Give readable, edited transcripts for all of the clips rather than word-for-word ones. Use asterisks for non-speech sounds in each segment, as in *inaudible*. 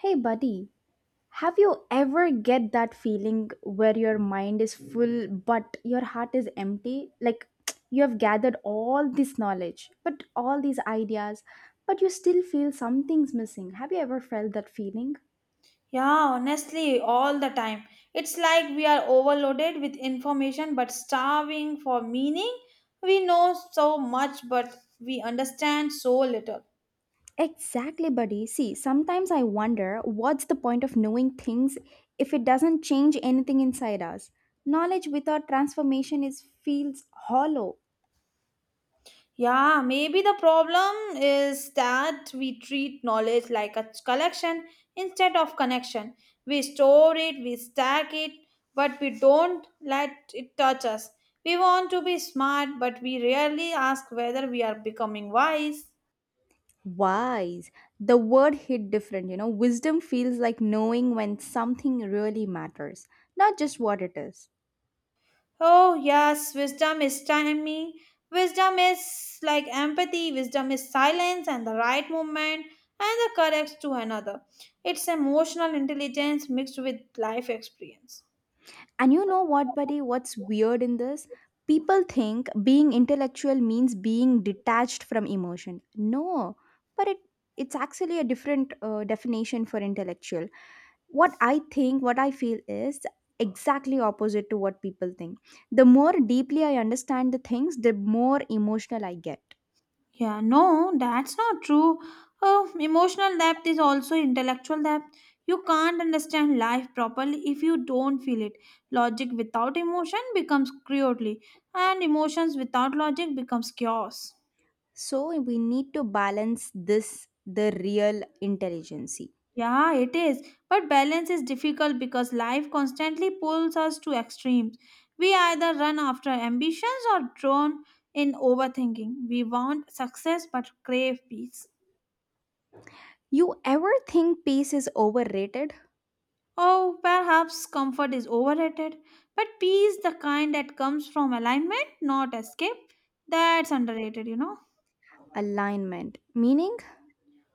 Hey, buddy, have you ever get that feeling where your mind is full but your heart is empty? Like *tsk* you have gathered all this knowledge, but all these ideas, but you still feel something's missing. Have you ever felt that feeling? Yeah, honestly, all the time. It's like we are overloaded with information but starving for meaning. We know so much but we understand so little. Exactly, buddy. See, sometimes I wonder what's the point of knowing things if it doesn't change anything inside us. Knowledge without transformation is feels hollow. Yeah, maybe the problem is that we treat knowledge like a collection instead of connection. We store it, we stack it, but we don't let it touch us. We want to be smart, but we rarely ask whether we are becoming wise. Wise. The word hit different, you know. Wisdom feels like knowing when something really matters, not just what it is. Oh, yes, wisdom is timing. Wisdom is like empathy, wisdom is silence and the right movement and the correct to another. It's emotional intelligence mixed with life experience. And you know what, buddy? What's weird in this? People think being intellectual means being detached from emotion. No, but it's actually a different definition for intellectual. What I think, what I feel is exactly opposite to what people think. The more deeply I understand the things, the more emotional I get. Yeah, no, that's not true. Oh, emotional depth is also intellectual depth. You can't understand life properly if you don't feel it. Logic without emotion becomes cruelty, and emotions without logic becomes chaos. So we need to balance this the real intelligence. Yeah, it is. But balance is difficult because life constantly pulls us to extremes. We either run after ambitions or drown in overthinking. We want success but crave peace. You ever think pace is overrated? Oh, perhaps comfort is overrated, but peace, the kind that comes from alignment, not escape, that's underrated. Alignment. Meaning,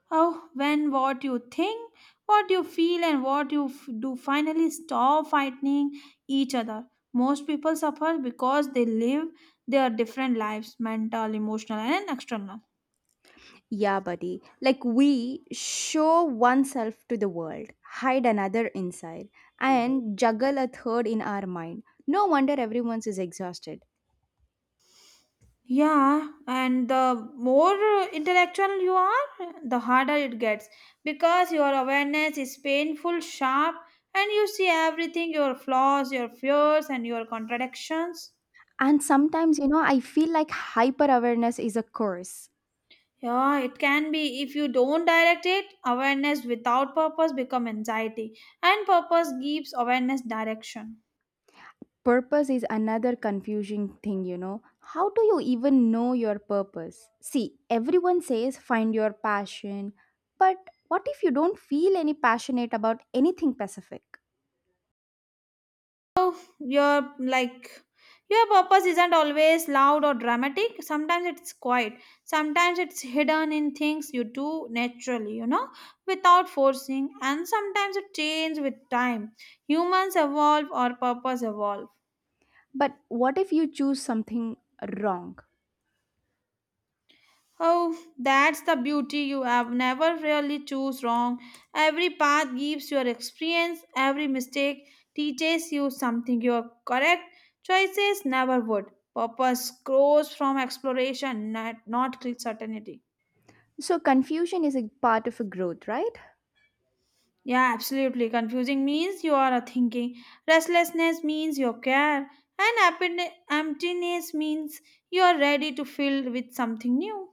Oh, when what you think, what you feel, and what you do finally stop fighting each other. Most people suffer because they live their different lives mental, emotional, and external. yeah, buddy. Like we show oneself to the world, hide another inside, and juggle a third in our mind. No wonder everyone's is exhausted. Yeah, and the more intellectual you are, the harder it gets because your awareness is painful, sharp, and you see everything your flaws, your fears, and your contradictions. And sometimes, you know, I feel like hyper awareness is a curse. Yeah, it can be if you don't direct it, awareness without purpose become anxiety and purpose gives awareness direction. Purpose is another confusing thing, you know. How do you even know your purpose? See, everyone says find your passion, but what if you don't feel any passionate about anything specific? Your like your purpose isn't always loud or dramatic. Sometimes it's quiet. Sometimes it's hidden in things you do naturally, without forcing and sometimes it changes with time. Humans evolve or purpose evolve. But what if you choose something wrong? Oh, that's the beauty. You have never really choose wrong. Every path gives your experience. Every mistake teaches you something your correct choices never would. Purpose grows from exploration, not certainty. So, confusion is a part of a growth, right? Yeah, absolutely. Confusing means you are a thinking. Restlessness means you care. And happiness, emptiness means you are ready to fill with something new.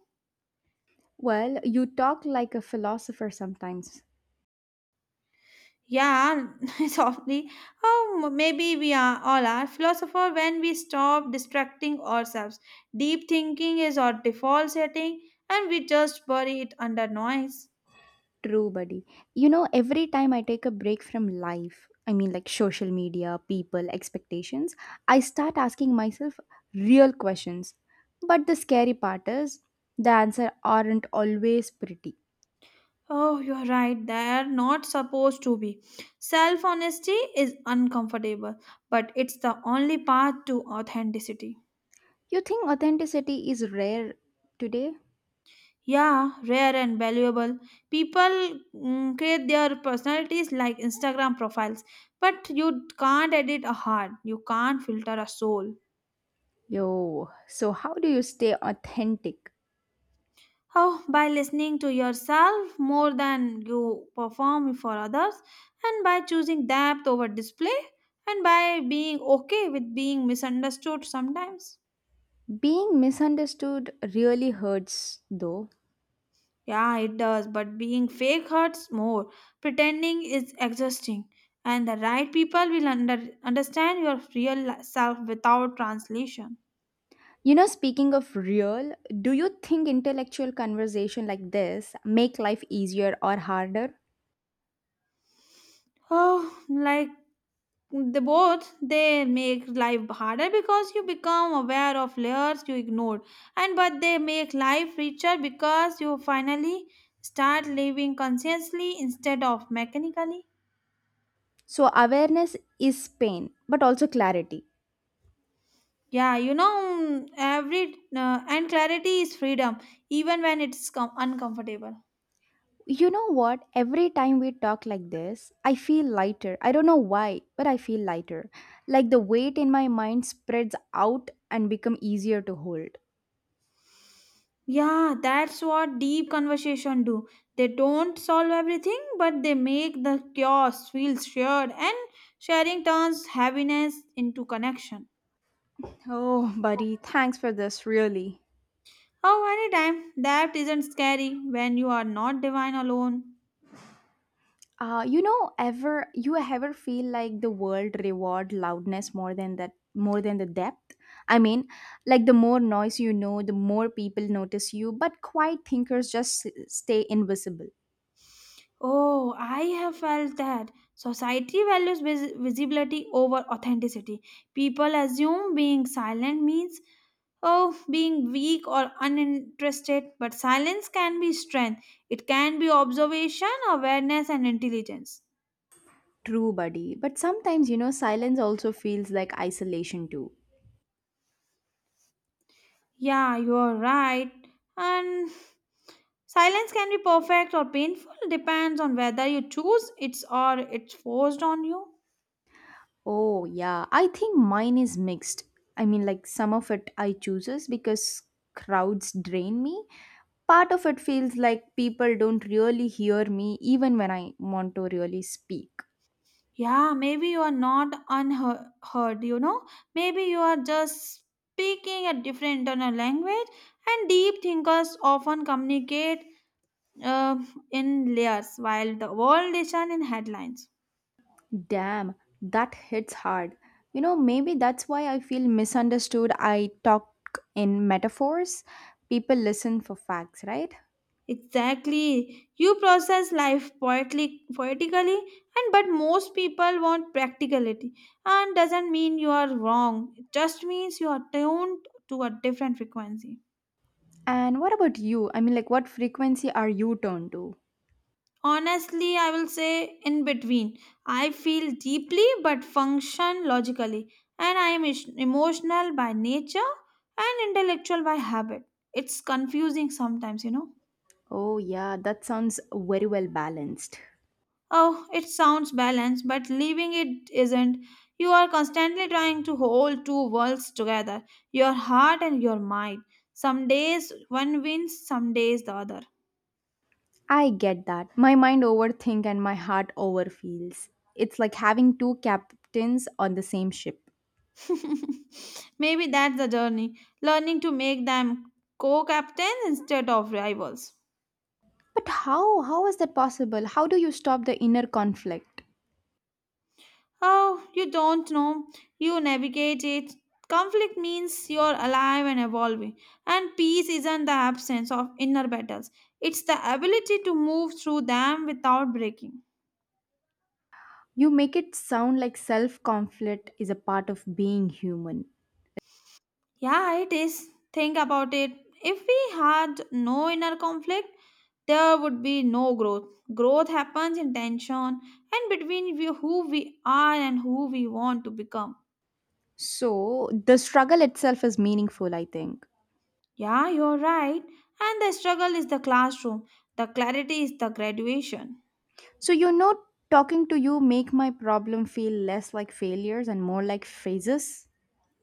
Well, you talk like a philosopher sometimes. Yeah, *laughs* softly. Oh, maybe we are all are philosopher when we stop distracting ourselves. Deep thinking is our default setting, and we just bury it under noise. True, buddy. You know, every time I take a break from life, I mean, like social media, people, expectations, I start asking myself real questions. But the scary part is the answer aren't always pretty. Oh, you're right. They're not supposed to be. Self honesty is uncomfortable, but it's the only path to authenticity. You think authenticity is rare today? Yeah, rare and valuable. People create their personalities like Instagram profiles, but you can't edit a heart, you can't filter a soul. Yo, so how do you stay authentic? How by listening to yourself more than you perform for others, and by choosing depth over display, and by being okay with being misunderstood sometimes. Being misunderstood really hurts, though. Yeah, it does, but being fake hurts more. Pretending is exhausting, and the right people will understand your real self without translation. You know, speaking of real, do you think intellectual conversation like this make life easier or harder? Oh, like the both, they make life harder because you become aware of layers you ignored, and but they make life richer because you finally start living consciously instead of mechanically. So awareness is pain, but also clarity. Yeah, every and clarity is freedom, even when it's uncomfortable. You know what? Every time we talk like this, I feel lighter. I don't know why, but I feel lighter. Like the weight in my mind spreads out and become easier to hold. Yeah, that's what deep conversation do. They don't solve everything, but they make the chaos feel shared, and sharing turns heaviness into connection. Oh, buddy, thanks for this, really. Oh, anytime that isn't scary when you are not divine alone. You know, ever you ever feel like the world reward loudness more than that more than the depth? I mean, like the more noise you know, the more people notice you, but quiet thinkers just stay invisible. Oh, I have felt that society values visibility over authenticity. People assume being silent means, oh, being weak or uninterested, but silence can be strength. It can be observation, awareness, and intelligence. True, buddy. But sometimes, you know, silence also feels like isolation too. Yeah, you're right. And silence can be perfect or painful, depends on whether you choose it's or it's forced on you. Oh, yeah. I think mine is mixed. I mean, like some of it I chooses because crowds drain me. Part of it feels like people don't really hear me even when I want to really speak. Yeah, maybe you are not unheard. Maybe you are just speaking a different internal language, and deep thinkers often communicate uh, in layers while the world is done in headlines. Damn, that hits hard. You know, maybe that's why I feel misunderstood. I talk in metaphors, people listen for facts, right? Exactly. You process life poetically, and but most people want practicality. And doesn't mean you are wrong. It just means you are tuned to a different frequency. And what about you? I mean, like, what frequency are you turned to? Honestly, I will say in between. I feel deeply but function logically, and I am emotional by nature and intellectual by habit. It's confusing sometimes. Oh, yeah, that sounds very well balanced. Oh, it sounds balanced, but leaving it isn't. You are constantly trying to hold two worlds together your heart and your mind. Some days one wins, some days the other. I get that. My mind overthink and my heart overfeels. It's like having two captains on the same ship. *laughs* Maybe that's the journey, learning to make them co captains instead of rivals. But how? How is that possible? How do you stop the inner conflict? Oh, you don't know. You navigate it. Conflict means you're alive and evolving. And peace isn't the absence of inner battles, it's the ability to move through them without breaking. You make it sound like self conflict is a part of being human. Yeah, it is. Think about it. If we had no inner conflict, there would be no growth. Growth happens in tension and between we, who we are and who we want to become. So the struggle itself is meaningful, I think. Yeah, you're right. And the struggle is the classroom, the clarity is the graduation. So you know, talking to you make my problem feel less like failures and more like phases.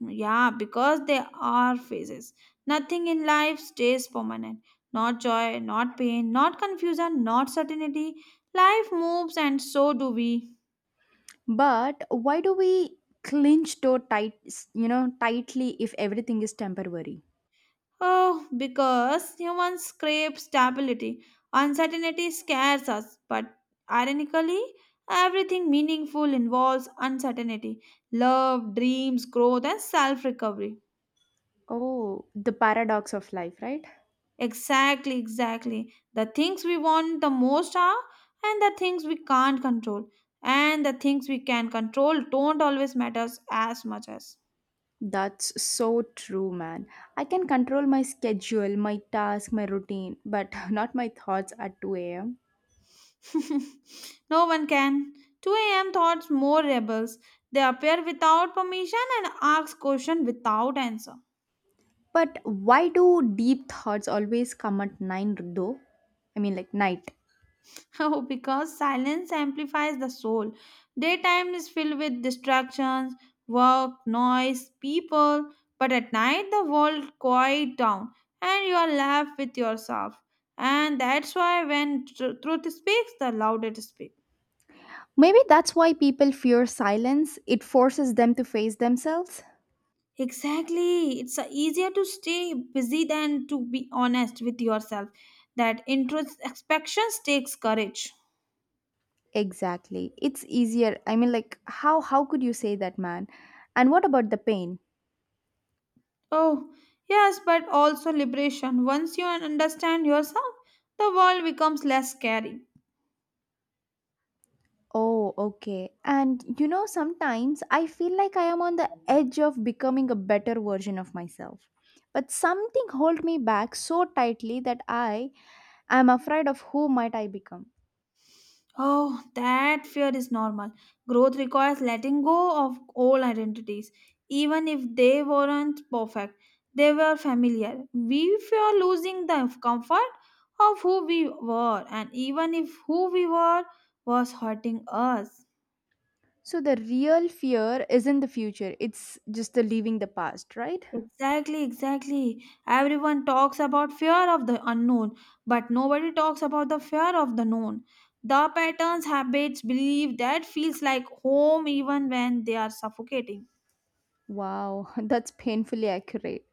Yeah, because there are phases. Nothing in life stays permanent. Not joy, not pain, not confusion, not certainty. Life moves, and so do we. But why do we clinch so tight, you know, tightly if everything is temporary? Oh, because humans crave stability. Uncertainty scares us, but ironically, everything meaningful involves uncertainty love, dreams, growth, and self recovery. Oh, the paradox of life, right? Exactly, exactly. The things we want the most are, and the things we can't control, and the things we can control don't always matter as much as. That's so true, man. I can control my schedule, my task, my routine, but *laughs* not my thoughts at 2 a.m. *laughs* No one can. 2 a.m. thoughts more rebels. They appear without permission and ask questions without answer. *laughs* But why do deep thoughts always come at 9 though? I mean, like night. Oh, because silence amplifies the soul. Daytime is filled with distractions, work, noise, people, but at night the world quiet down and you are left with yourself. And that's why when truth speaks, the loudest speaks. Maybe that's why people fear silence. It forces them to face themselves. Exactly. It's easier to stay busy than to be honest with yourself. That introspections takes courage. Exactly. It's easier. I mean, like, how could you say that, man? And what about the pain? Oh, yes, but also liberation. Once you understand yourself, the world becomes less scary. Oh, okay. And you know, sometimes I feel like I am on the edge of becoming a better version of myself. But something holds me back so tightly that I am afraid of who might I become. Oh, that fear is normal. Growth requires letting go of old identities, even if they weren't perfect. They were familiar. We fear losing the comfort of who we were, and even if who we were was hurting us. So the real fear isn't the future, it's just the leaving the past, right? Exactly, exactly. Everyone talks about fear of the unknown, but nobody talks about the fear of the known. The patterns, habits, belief that feels like home even when they are suffocating. Wow, *laughs* that's painfully accurate.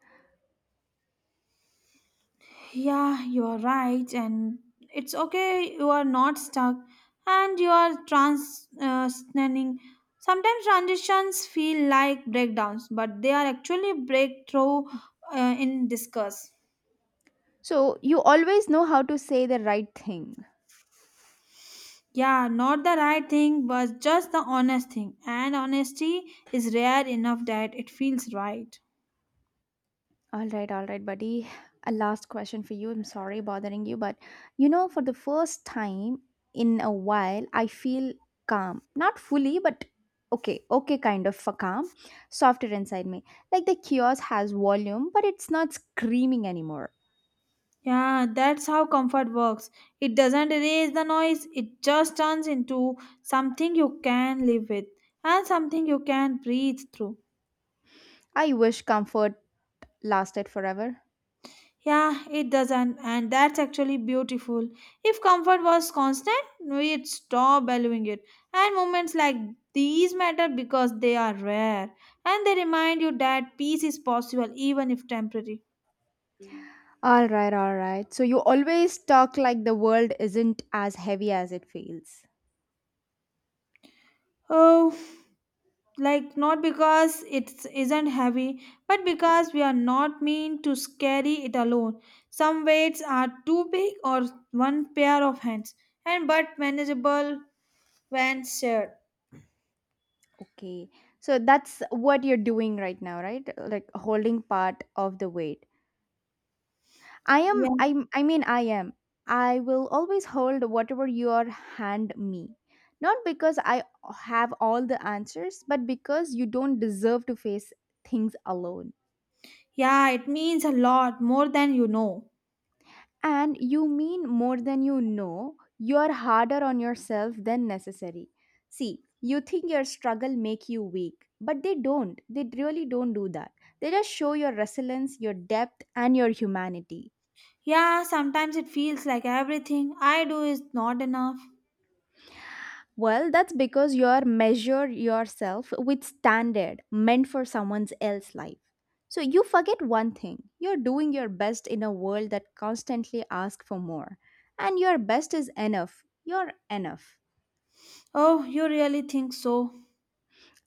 Yeah, you're right, and it's okay. You are not stuck, and you are transitioning. Sometimes transitions feel like breakdowns, but they are actually breakthrough in discuss. So you always know how to say the right thing. Yeah, not the right thing, but just the honest thing, and honesty is rare enough that it feels right. All right, buddy. A last question for you. I'm sorry bothering you, but you know, for the first time in a while, I feel calm. Not fully, but okay, kind of a calm. Softer inside me. Like the kiosk has volume, but it's not screaming anymore. Yeah, that's how comfort works. It doesn't erase the noise, it just turns into something you can live with and something you can breathe through. I wish comfort lasted forever. Yeah, it doesn't, and that's actually beautiful. If comfort was constant, we'd stop valuing it. And moments like these matter because they are rare and they remind you that peace is possible even if temporary. All right, all right. So you always talk like the world isn't as heavy as it feels. Oh, like not because it isn't heavy but because we are not meant to carry it alone. Some weights are too big or one pair of hands and but manageable when shared. Okay. So that's what you're doing right now, right? Like holding part of the weight. I Yeah, am I I mean I am. I will always hold whatever your hand me. Not because I have all the answers, but because you don't deserve to face things alone. yeah, it means a lot more than you know. And you mean more than you know, you're harder on yourself than necessary. See, you think your struggle make you weak, but they don't. They really don't do that. They just show your resilience, your depth and your humanity. Yeah, sometimes it feels like everything I do is not enough. Well, that's because you're measure yourself with standard meant for someone else's life. So you forget one thing. You're doing your best in a world that constantly asks for more. And your best is enough. You're enough. Oh, you really think so.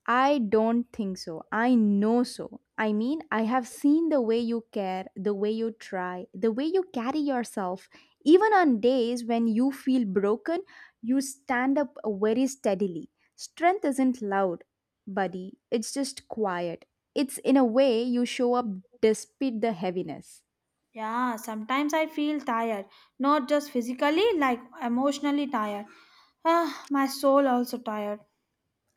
I don't think so. I know so. I mean, I have seen the way you care, the way you try, the way you carry yourself. Even on days when you feel broken, you stand up very steadily. Strength isn't loud, buddy. It's just quiet. It's in a way you show up despite the heaviness. Yeah, sometimes I feel tired, not just physically, like emotionally tired. Ah, my soul also tired.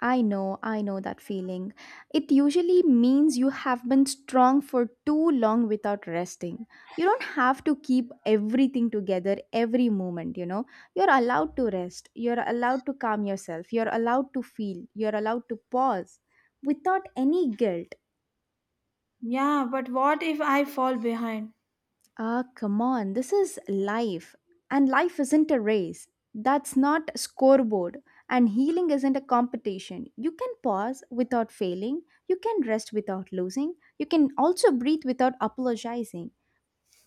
I know that feeling. It usually means you have been strong for too long without resting. You don't have to keep everything together every moment, you know. You're allowed to rest, you're allowed to calm yourself, you're allowed to feel, you're allowed to pause without any guilt. Yeah, but what if I fall behind? Ah, come on. This is life. And life isn't a race. That's not a scoreboard. And healing isn't a competition. You can pause without failing. You can rest without losing. You can also breathe without apologizing.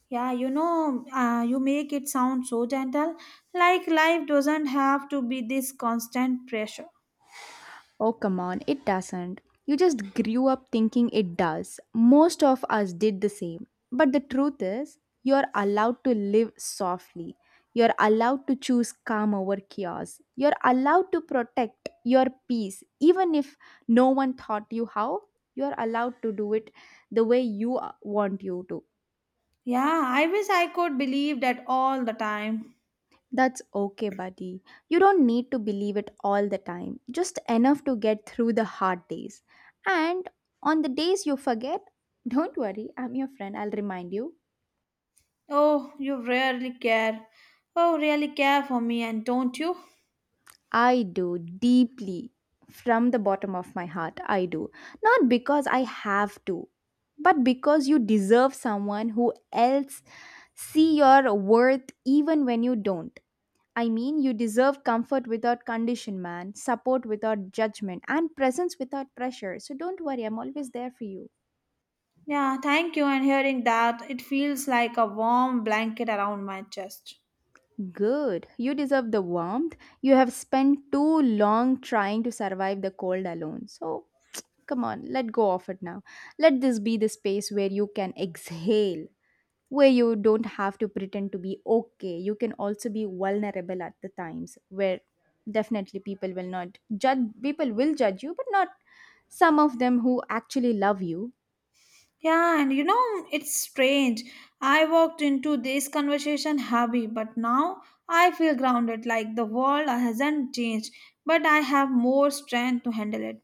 Yeah, you know, you make it sound so gentle, like life doesn't have to be this constant pressure. Oh, come on, it doesn't. You just grew up thinking it does. Most of us did the same. But the truth is, you're allowed to live softly. You're allowed to choose calm over chaos. You're allowed to protect your peace. Even if no one taught you how, you're allowed to do it the way you want you to. Yeah, I wish I could believe that all the time. That's okay, buddy. You don't need to believe it all the time, just enough to get through the hard days. And on the days you forget, *laughs* don't worry, I'm your friend, I'll remind you. Oh, you really care. Oh, really care for me, and don't you? I do deeply, from the bottom of my heart, I do. Not because I have to, but because you deserve someone who else see your worth even when you don't. I mean, you deserve comfort without condition, man, support without judgment, and presence without pressure. So don't worry, I'm always there for you. Yeah, thank you. And hearing that, it feels like a warm blanket around my chest. Good. You deserve the warmth. You have spent too long trying to survive the cold alone. So *tsk* come on, let go of it now. Let this be the space where you can exhale, where you don't have to pretend to be okay. You can also be vulnerable at the times where definitely people will not judge, people will judge you, but not some of them who actually love you. Yeah, and you know, it's strange. I walked into this conversation heavy, but now I feel grounded like the world hasn't changed, but I have more strength to handle it.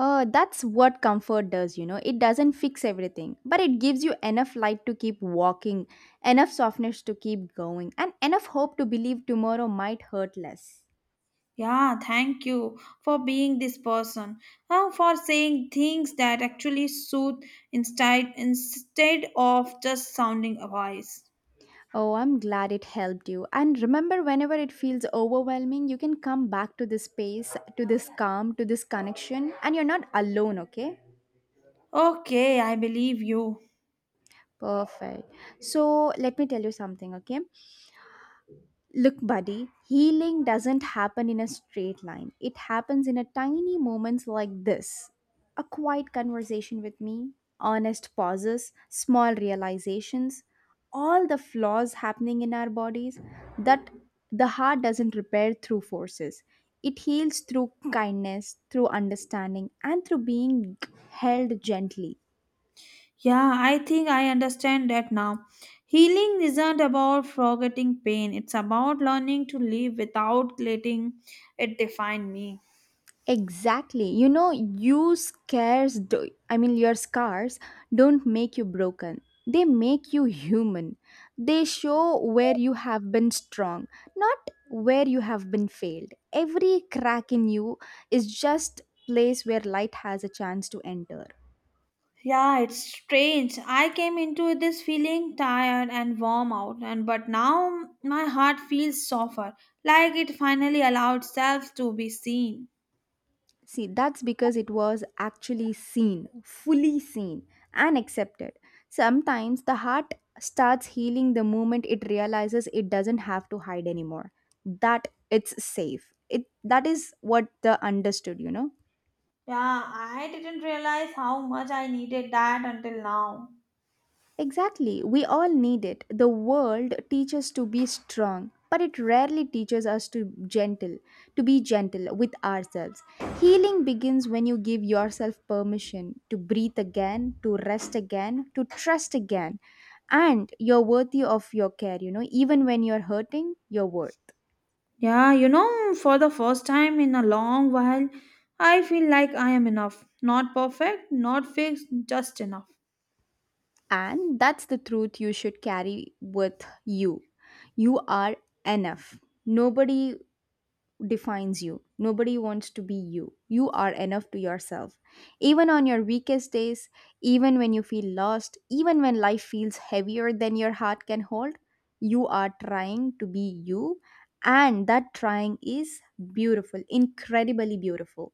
That's what comfort does, you know. It doesn't fix everything, but it gives you enough light to keep walking, enough softness to keep going, and enough hope to believe tomorrow might hurt less. Yeah, thank you for being this person, for saying things that actually soothe instead of just sounding a voice. Oh, I'm glad it helped you. And remember, whenever it feels overwhelming, you can come back to this space, to this calm, to this connection, and you're not alone, okay? Okay, I believe you. Perfect. So, let me tell you something, okay? Look, buddy, healing doesn't happen in a straight line. It happens in a tiny moments like this. A quiet conversation with me, honest pauses, small realizations, all the flaws happening in our bodies that the heart doesn't repair through forces. It heals through kindness, through understanding, and through being held gently. Yeah, I think I understand that now. Healing isn't about forgetting pain, it's about learning to live without letting it define me. Exactly. You know, you scarce do I mean your scars don't make you broken. They make you human. They show where you have been strong, not where you have been failed. Every crack in you is just place where light has a chance to enter. Yeah, it's strange. I came into this feeling tired and warm out, and but now my heart feels softer, like it finally allowed self to be seen. See, that's because it was actually seen, fully seen, and accepted. Sometimes the heart starts healing the moment it realizes it doesn't have to hide anymore, that it's safe. It, that is what the understood, you know? Yeah, I didn't realize how much I needed that until now. Exactly. We all need it. The world teaches to be strong, but it rarely teaches us to gentle, to be gentle with ourselves. Healing begins when you give yourself permission to breathe again, to rest again, to trust again, and you're worthy of your care, even when you're hurting, you're worth. Yeah, you know, for the first time in a long while, I feel like I am enough. Not perfect, not fixed, just enough. And that's the truth you should carry with you. You are enough. Nobody defines you. Nobody wants to be you. You are enough to yourself. Even on your weakest days, even when you feel lost, even when life feels heavier than your heart can hold, you are trying to be you. And that trying is beautiful, incredibly beautiful.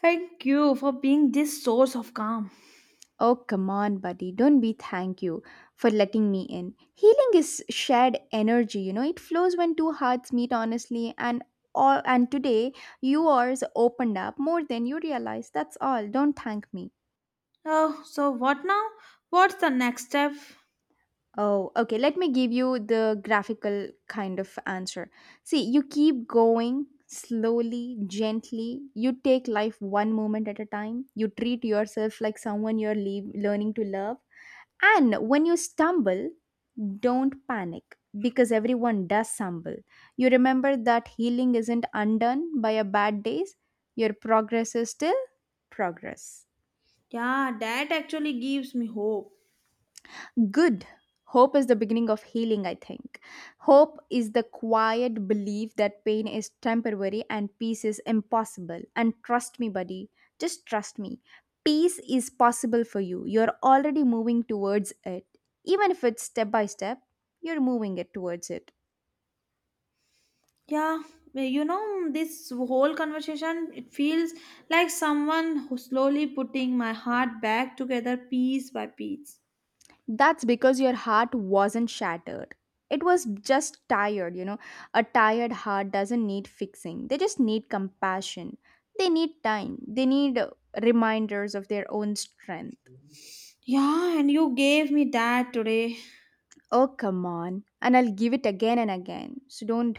Thank you for being this source of calm. Oh, come on, buddy. Don't be thank you for letting me in. Healing is shared energy, it flows when two hearts meet honestly and all and today yours opened up more than you realize. That's all. Don't thank me. Oh, so what now? What's the next step? Oh, okay. Let me give you the graphical kind of answer. See, you keep going slowly, gently. You take life one moment at a time. You treat yourself like someone learning to love. And when you stumble, don't panic because everyone does stumble. You remember that healing isn't undone by a bad days. Your progress is still progress. Yeah, that actually gives me hope. Good. Hope is the beginning of healing, I think. Hope is the quiet belief that pain is temporary and peace is impossible. And trust me, buddy, just trust me. Peace is possible for you. You're already moving towards it. Even if it's step by step, you're moving it towards it. Yeah, well, you know, this whole conversation, it feels like someone who's slowly putting my heart back together piece by piece. That's because your heart wasn't shattered. It was just tired, you know. A tired heart doesn't need fixing, they just need compassion. They need time, they need reminders of their own strength. Yeah, and you gave me that today. Oh, come on. And I'll give it again and again. So don't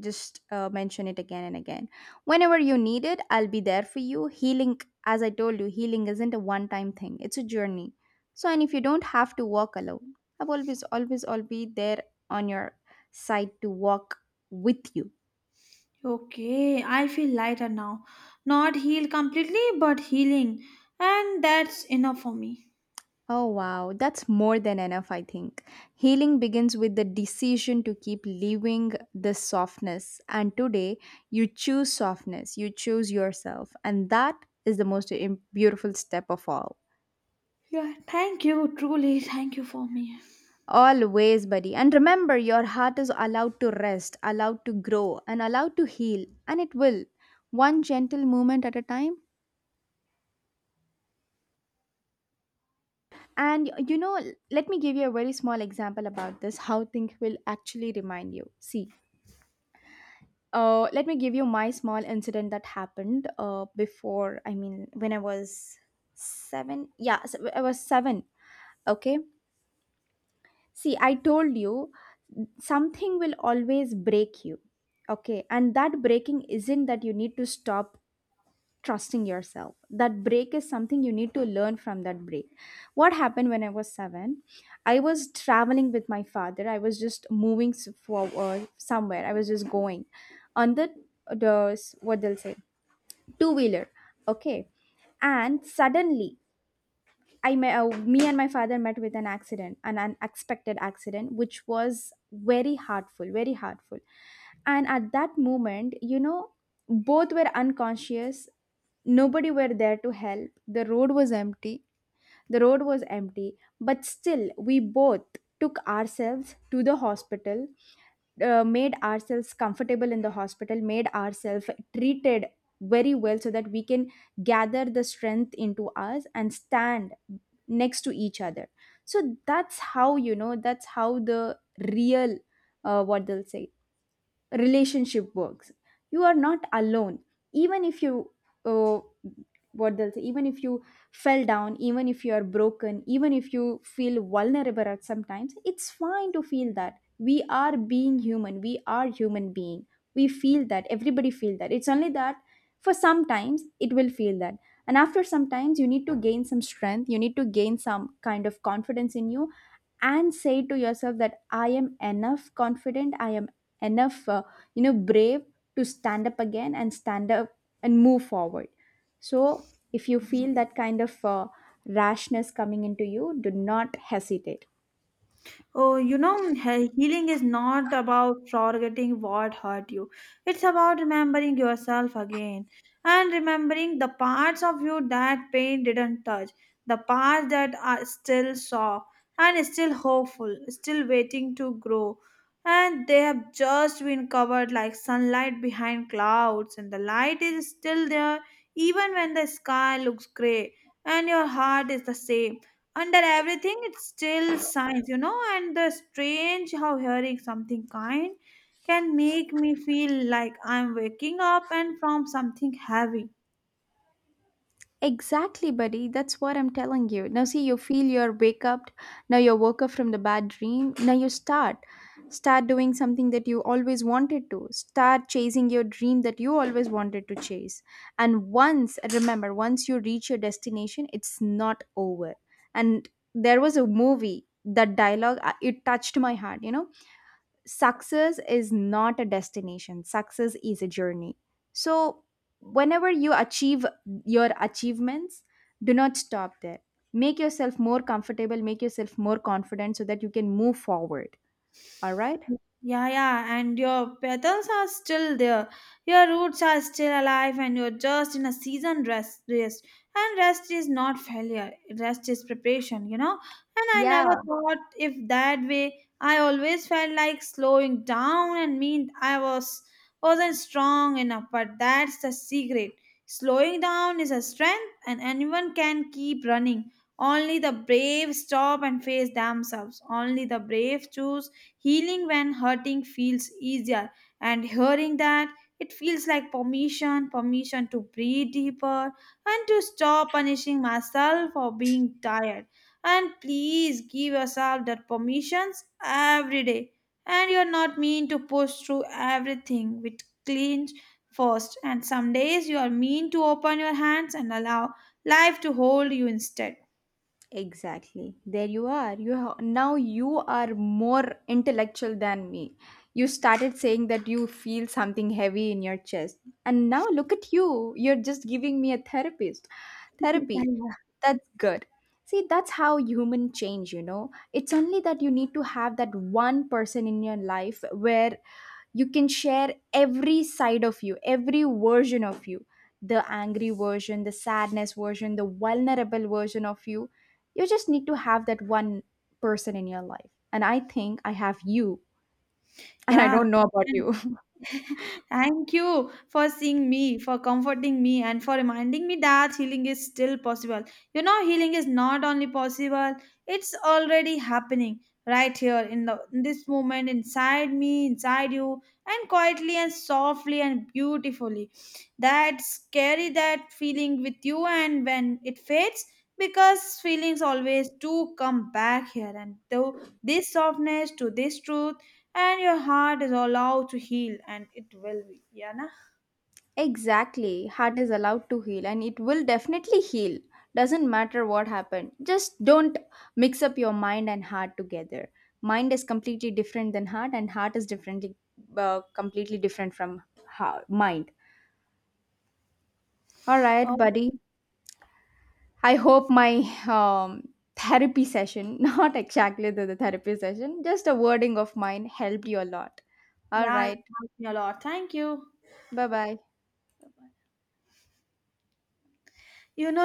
just mention it again and again whenever you need it, I'll be there for you. Healing, as I told you, healing isn't a one time thing, it's a journey. So and if you don't have to walk alone, I've always be there on your side to walk with you. Okay, I feel lighter now. Not healed completely, but healing. And that's enough for me. Oh wow, that's more than enough, I think. Healing begins with the decision to keep living this softness, and today you choose softness, you choose yourself, and that is the most beautiful step of all. Yeah, thank you, truly, thank you for me. Always, buddy. And remember, your heart is allowed to rest, allowed to grow, and allowed to heal. And it will. One gentle movement at a time. And you know, let me give you a very small example about this, how things will actually remind you. See, let me give you my small incident that happened before, I mean, when I was seven. Yeah, I was seven. Okay. See, I told you something will always break you. Okay. And that breaking isn't that you need to stop trusting yourself. That break is something you need to learn from that break. What happened when I was seven? I was traveling with my father. I was just moving forward somewhere. I was just going on the what they'll say, two wheeler. Okay. And suddenly I met, me and my father met with an accident, an unexpected accident, which was very hurtful, very hurtful. And at that moment, you know, both were unconscious. Nobody were there to help. The road was empty. But still, we both took ourselves to the hospital, made ourselves comfortable in the hospital, made ourselves treated very well so that we can gather the strength into us and stand next to each other. So that's how, you know, that's how the real, what they'll say, relationship works. You are not alone, even if you, uh, what they'll say, even if you fell down, even if you are broken, even if you feel vulnerable at sometimes, it's fine to feel that. We are being human, we are human being, we feel that, everybody feel that. It's only that for sometimes it will feel that, and after sometimes you need to gain some strength, you need to gain some kind of confidence in you and say to yourself that I am enough confident, I am enough, you know, brave to stand up again and stand up and move forward. So if you feel that kind of rashness coming into you, do not hesitate. Oh, you know, healing is not about forgetting what hurt you. It's about remembering yourself again and remembering the parts of you that pain didn't touch, the parts that are still soft and still hopeful, still waiting to grow. And they have just been covered like sunlight behind clouds, and the light is still there even when the sky looks gray, and your heart is the same under everything. It's still science, you know. And the strange how hearing something kind can make me feel like I'm waking up and from something heavy. Exactly, buddy. That's what I'm telling you. Now, see, you feel your wake up. Now, you woke up from the bad dream. Now, you start. Start doing something that you always wanted to. Start chasing your dream that you always wanted to chase. And once, remember, once you reach your destination, it's not over. And there was a movie, that dialogue, it touched my heart, you know? Success is not a destination, success is a journey. So whenever you achieve your achievements, do not stop there. Make yourself more comfortable, make yourself more confident so that you can move forward. All right. Yeah, yeah, and your petals are still there. Your roots are still alive, and you're just in a season rest. Rest. And rest is not failure, rest is preparation. And I Yeah, never thought if that way. I always felt like slowing down and mean I was wasn't strong enough, but that's the secret. Slowing down is a strength, and anyone can keep running. Only the brave stop and face themselves. Only the brave choose healing when hurting feels easier, and hearing that it feels like permission to breathe deeper and to stop punishing myself for being tired. And please give yourself that permissions every day. And you're not mean to push through everything with clean first. And some days you are mean to open your hands and allow life to hold you instead. exactly. There you are. Now you are more intellectual than me. You started saying that you feel something heavy in your chest. And now look at you. You're just giving me a therapist. Therapy. That's good. See, that's how human change, you know. It's only that you need to have that one person in your life where you can share every side of you, every version of you, the angry version, the sadness version, the vulnerable version of you. You just need to have that one person in your life, and I think I have you *laughs* and I Yeah. don't know about you. *laughs* Thank you for seeing me, for comforting me, and for reminding me that healing is still possible. You know, healing is not only possible, it's already happening right here in this moment inside me, inside you, and quietly and softly and beautifully. That's carry that feeling with you, and when it fades, because feelings always do come back here, and to this softness, to this truth, and your heart is allowed to heal and it will be, yeah, na? *laughs* Exactly, heart is allowed to heal and it will definitely heal. Doesn't matter what happened, just don't mix up your mind and heart together. Mind is completely different than heart, and heart is differently, completely different from heart, mind. All right, Oh, buddy. I hope my um, therapy session, *laughs* not exactly the, therapy session, just a wording of mine helped you a lot. All yeah, it right. helped me a lot, thank you Bye bye. you know